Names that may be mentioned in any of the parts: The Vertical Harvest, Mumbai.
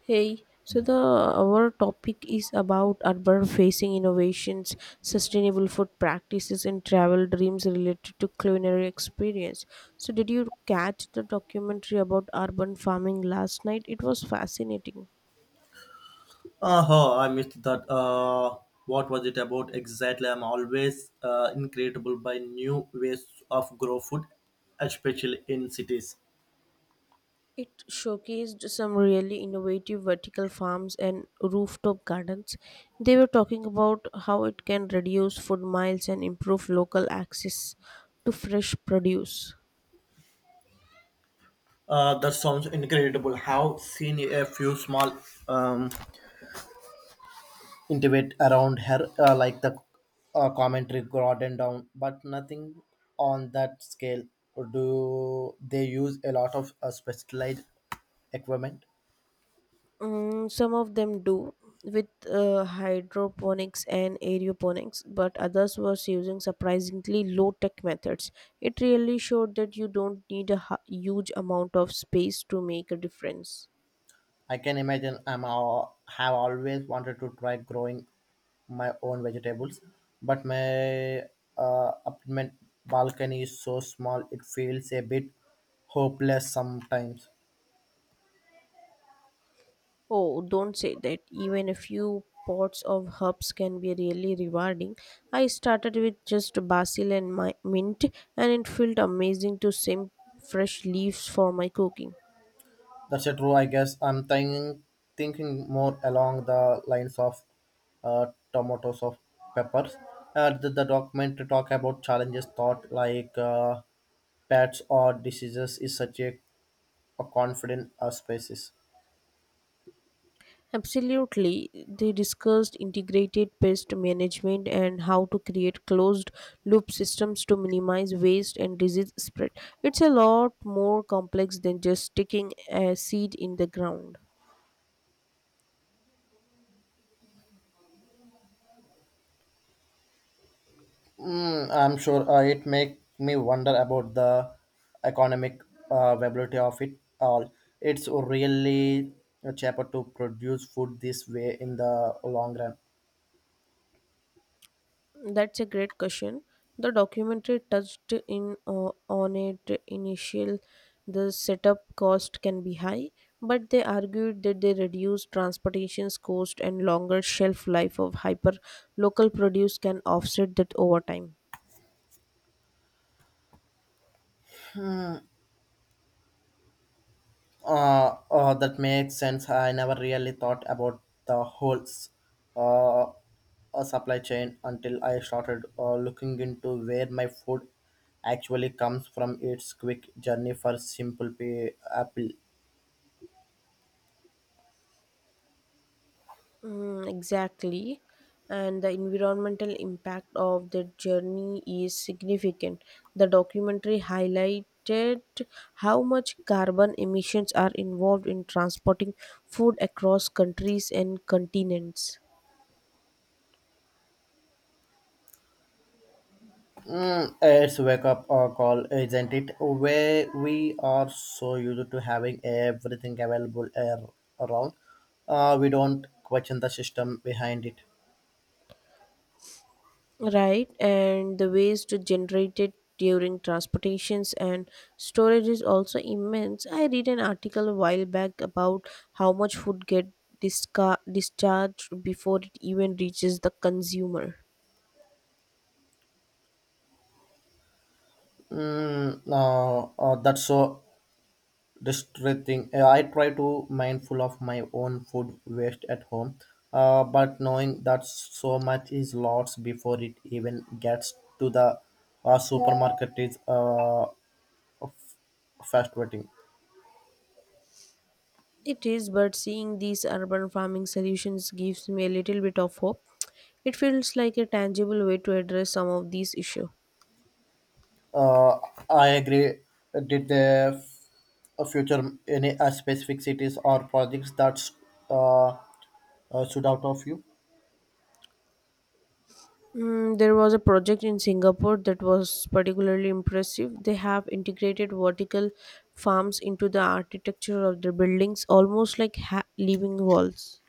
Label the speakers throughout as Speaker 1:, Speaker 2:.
Speaker 1: Hey, so the our topic is about urban facing innovations, sustainable food practices, and travel dreams related to culinary experience. So, did you catch the documentary about urban farming last night? It was fascinating.
Speaker 2: Uh huh, I missed that. What was it about exactly? I'm always incredible by new ways of grow food, especially in cities.
Speaker 1: It showcased some really innovative vertical farms and rooftop gardens. They were talking about how it can reduce food miles and improve local access to fresh produce.
Speaker 2: That sounds incredible. Have seen a few small um intimate around here, like the commentary garden down, but nothing on that scale. Do they use a lot of specialized equipment?
Speaker 1: Mm, some of them do with hydroponics and aeroponics, but others was using surprisingly low tech methods. It really showed that you don't need a huge amount of space to make a difference.
Speaker 2: I can imagine. I'm all, have always wanted to try growing my own vegetables, but my apartment balcony is so small it feels a bit hopeless sometimes.
Speaker 1: Oh, don't say that. Even a few pots of herbs can be really rewarding. I started with just basil and my mint, and it felt amazing to simp fresh leaves for my cooking.
Speaker 2: That's a true, I guess. I'm thinking more along the lines of uh, tomatoes of peppers. The document to talk about challenges thought like pets or diseases is such a confident species.
Speaker 1: Absolutely. They discussed integrated pest management and how to create closed loop systems to minimize waste and disease spread. It's a lot more complex than just sticking a seed in the ground.
Speaker 2: I'm sure it make me wonder about the economic viability of it all. It's really cheaper to produce food this way in the long run.
Speaker 1: That's a great question. The documentary touched in on it initial the setup cost can be high, but they argued that they reduce transportation's cost and longer shelf life of hyper local produce can offset that over time.
Speaker 2: That makes sense. I never really thought about the whole uh, supply chain until I started looking into where my food actually comes from. It's quick journey for simple pay apple.
Speaker 1: Mm, exactly. And the environmental impact of the journey is significant. The documentary highlighted how much carbon emissions are involved in transporting food across countries and continents.
Speaker 2: It's wake up or call, isn't it? Where we are so used to having everything available around, we don't question the system behind it.
Speaker 1: Right, and the waste generated during transportations and storage is also immense. I read an article a while back about how much food get discharged before it even reaches the consumer.
Speaker 2: That's so distressing. I try to mindful of my own food waste at home, but knowing that so much is lost before it even gets to the supermarket is frustrating.
Speaker 1: It is, but seeing these urban farming solutions gives me a little bit of hope. It feels like a tangible way to address some of these issues.
Speaker 2: Uh, I agree. Did they future any specific cities or projects that uh, stood out of you?
Speaker 1: Mm, there was a project in Singapore that was particularly impressive. They have integrated vertical farms into the architecture of their buildings, almost like living walls.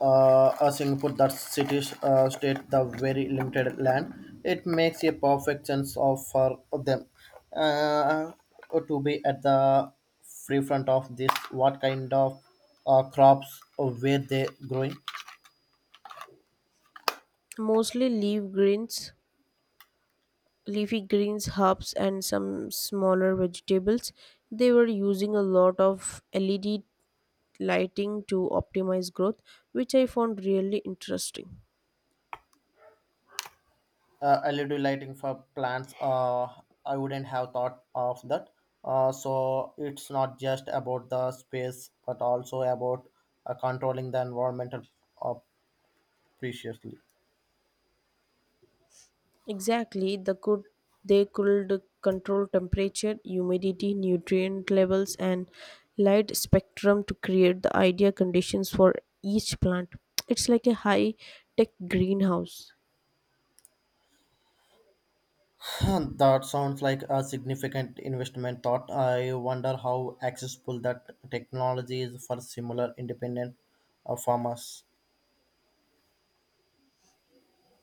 Speaker 2: A Singapore that cities state the very limited land. It makes a perfect sense of for them uh, to be at the free front of this. What kind of crops were they growing?
Speaker 1: Mostly leafy greens, herbs, and some smaller vegetables. They were using a lot of LED lighting to optimize growth, which I found really interesting.
Speaker 2: LED lighting for plants. I wouldn't have thought of that. So it's not just about the space, but also about controlling the environmental uh, preciously.
Speaker 1: Exactly, they could control temperature, humidity, nutrient levels, and light spectrum to create the ideal conditions for each plant. It's like a high tech greenhouse.
Speaker 2: That sounds like a significant investment thought. I wonder how accessible that technology is for similar independent farmers.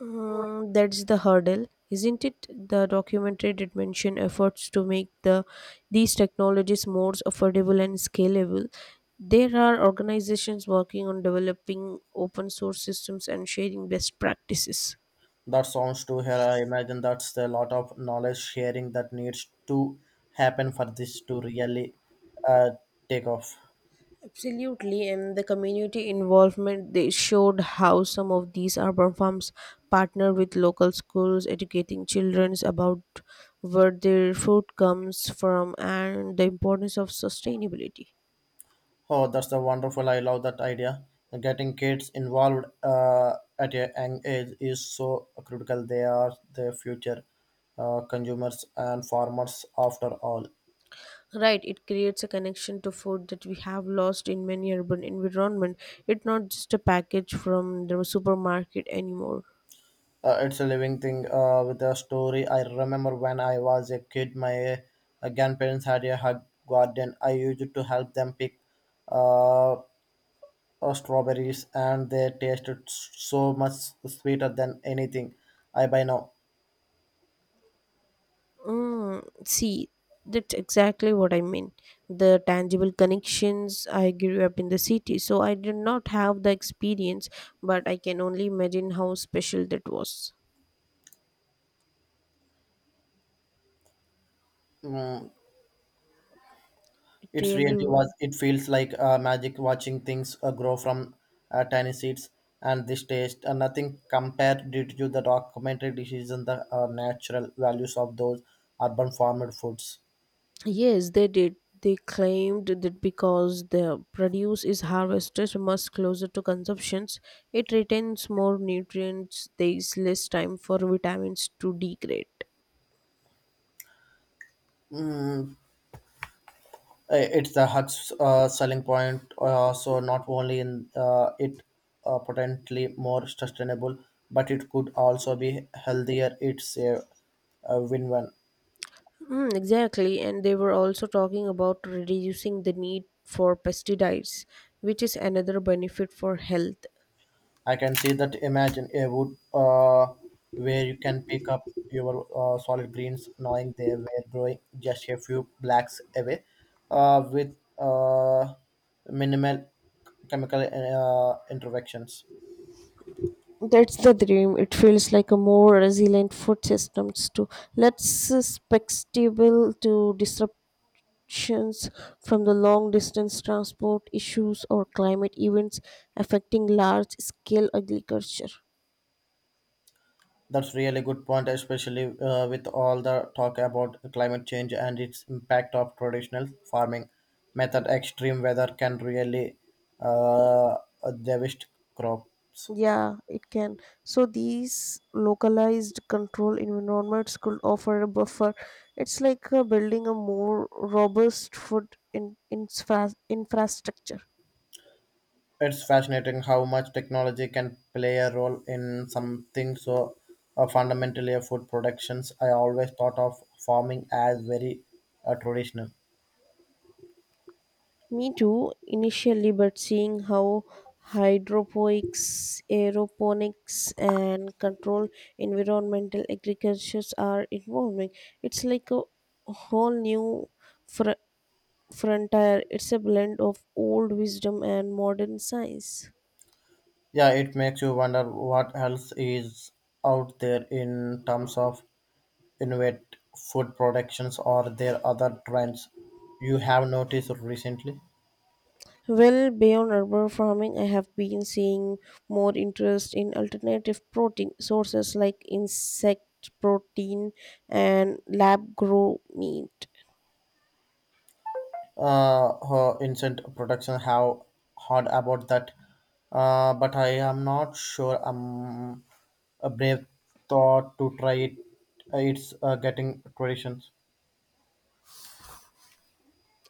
Speaker 1: Mm, that's the hurdle, isn't it? The documentary did mention efforts to make these technologies more affordable and scalable. There are organizations working on developing open source systems and sharing best practices.
Speaker 2: That sounds to her. I imagine that's a lot of knowledge sharing that needs to happen for this to really uh, take off.
Speaker 1: Absolutely, and the community involvement they showed how some of these urban farms partner with local schools, educating children about where their food comes from and the importance of sustainability.
Speaker 2: Oh, that's a wonderful. I love that idea. Getting kids involved at a young age is so critical. They are the future consumers and farmers after all.
Speaker 1: Right, it creates a connection to food that we have lost in many urban environment. It's not just a package from the supermarket anymore.
Speaker 2: It's a living thing with a story. I remember when I was a kid, my grandparents had a hug garden. I used to help them pick uh, strawberries and they tasted so much sweeter than anything I buy now.
Speaker 1: Mm, see, that's exactly what I mean. The tangible connections. I grew up in the city, so I did not have the experience, but I can only imagine how special that was.
Speaker 2: Mm,
Speaker 1: It
Speaker 2: It's really
Speaker 1: really
Speaker 2: was.
Speaker 1: was.
Speaker 2: It feels like magic watching things grow from tiny seeds and this taste. Nothing compared due to the documentary dishes and the natural values of those urban farmed foods.
Speaker 1: Yes, they did. They claimed that because the produce is harvested much closer to consumptions, it retains more nutrients, there is less time for vitamins to degrade.
Speaker 2: It's the Huck's selling point. So not only in it potentially more sustainable, but it could also be healthier. It's a win-win.
Speaker 1: Mm, exactly, and they were also talking about reducing the need for pesticides, which is another benefit for health.
Speaker 2: I can see that. Imagine a wood where you can pick up your solid greens, knowing they were growing just a few blacks away, with minimal chemical interventions.
Speaker 1: That's the dream. It feels like a more resilient food systems too. Let's susceptible to disruptions from the long distance transport issues or climate events affecting large scale agriculture.
Speaker 2: That's really good point, especially with all the talk about climate change and its impact of traditional farming method. Extreme weather can really uh, devastate crops.
Speaker 1: Yeah, it can. So these localized control environments could offer a buffer. It's like building a more robust infrastructure.
Speaker 2: It's fascinating how much technology can play a role in something so fundamentally a food productions. I always thought of farming as very traditional.
Speaker 1: Me too, initially, but seeing how hydroponics, aeroponics, and controlled environmental agricultures are evolving, it's like a whole new fr- frontier. It's a blend of old wisdom and modern science.
Speaker 2: Yeah, it makes you wonder what else is out there in terms of innovative food productions. Are there other trends you have noticed recently?
Speaker 1: Well, beyond urban farming, I have been seeing more interest in alternative protein sources like insect protein and lab grown meat.
Speaker 2: Her instant production have heard about that, but I am not sure I'm a brave thought to try it. It's getting traditions.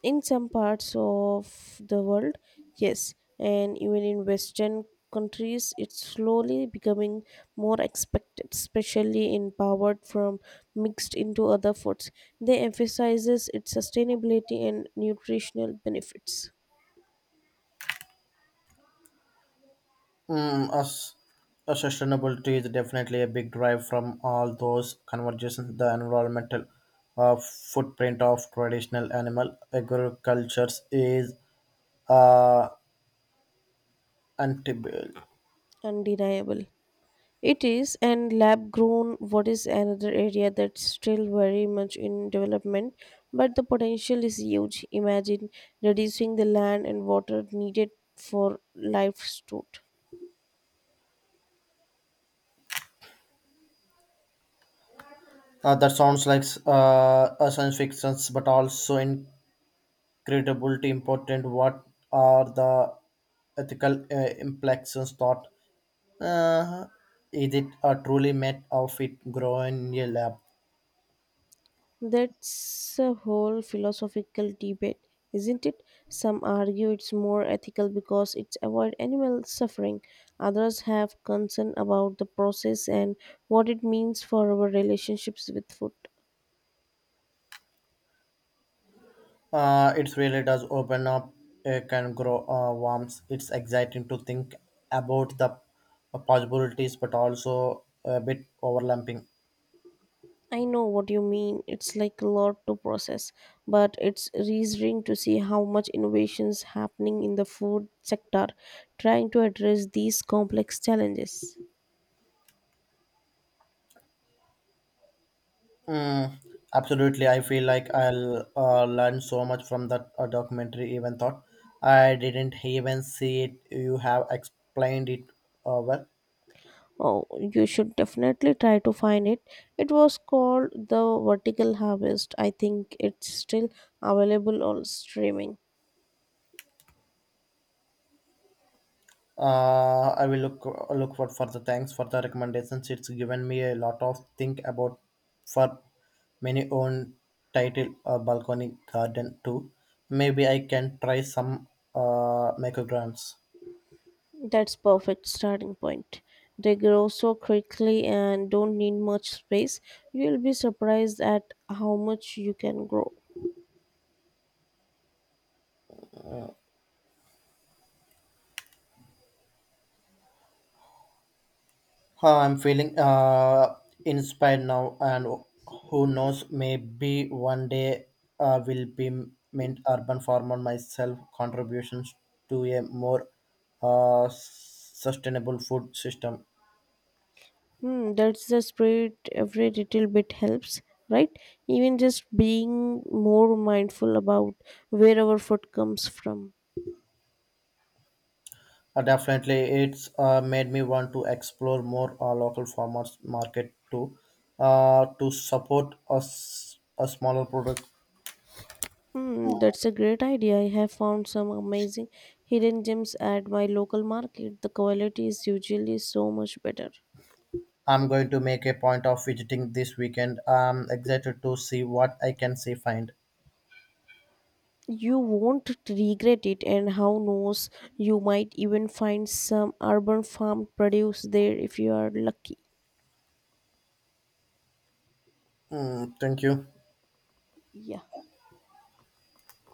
Speaker 1: In some parts of the world, yes, and even in Western countries, it's slowly becoming more expected, especially in powered from mixed into other foods. They emphasizes its sustainability and nutritional benefits.
Speaker 2: As a sustainability is definitely a big drive from all those conversations. The environmental footprint of traditional animal agricultures is uh, anti.
Speaker 1: Undeniable. It is, and lab grown what is another area that's still very much in development, but the potential is huge. Imagine reducing the land and water needed for livestock.
Speaker 2: That sounds like a science fiction, but also in credibility important. What are the ethical implications thought, uh, is it a truly made of it growing in a lab?
Speaker 1: That's a whole philosophical debate, isn't it? Some argue it's more ethical because it avoids animal suffering. Others have concern about the process and what it means for our relationships with food.
Speaker 2: It really does open up, can grow worms. It's exciting to think about the possibilities, but also a bit overlapping.
Speaker 1: I know what you mean. It's like a lot to process, but it's reassuring to see how much innovations happening in the food sector trying to address these complex challenges.
Speaker 2: Mm, absolutely. I feel like I'll learn so much from that documentary, even thought I didn't even see it. You have explained it well.
Speaker 1: Oh, you should definitely try to find it. It was called The Vertical Harvest. I think it's still available on streaming.
Speaker 2: I will look for the thanks for the recommendations. It's given me a lot of think about for many own title balcony garden too. Maybe I can try some micrograms.
Speaker 1: That's perfect starting point. They grow so quickly and don't need much space. You'll be surprised at how much you can grow.
Speaker 2: Huh, I'm feeling inspired now, and who knows, maybe one day will be mint urban farmer myself contributions to a more sustainable food system.
Speaker 1: Hmm, that's the spirit. Every little bit helps, right? Even just being more mindful about where our food comes from.
Speaker 2: Definitely, it's made me want to explore more local farmers market too, to support us a smaller product.
Speaker 1: Hmm, that's a great idea. I have found some amazing hidden gems at my local market. The quality is usually so much better.
Speaker 2: I'm going to make a point of visiting this weekend. I'm excited to see what I can see find.
Speaker 1: You won't regret it, and how knows, you might even find some urban farm produce there if you are lucky.
Speaker 2: Mm, thank you.
Speaker 1: Yeah.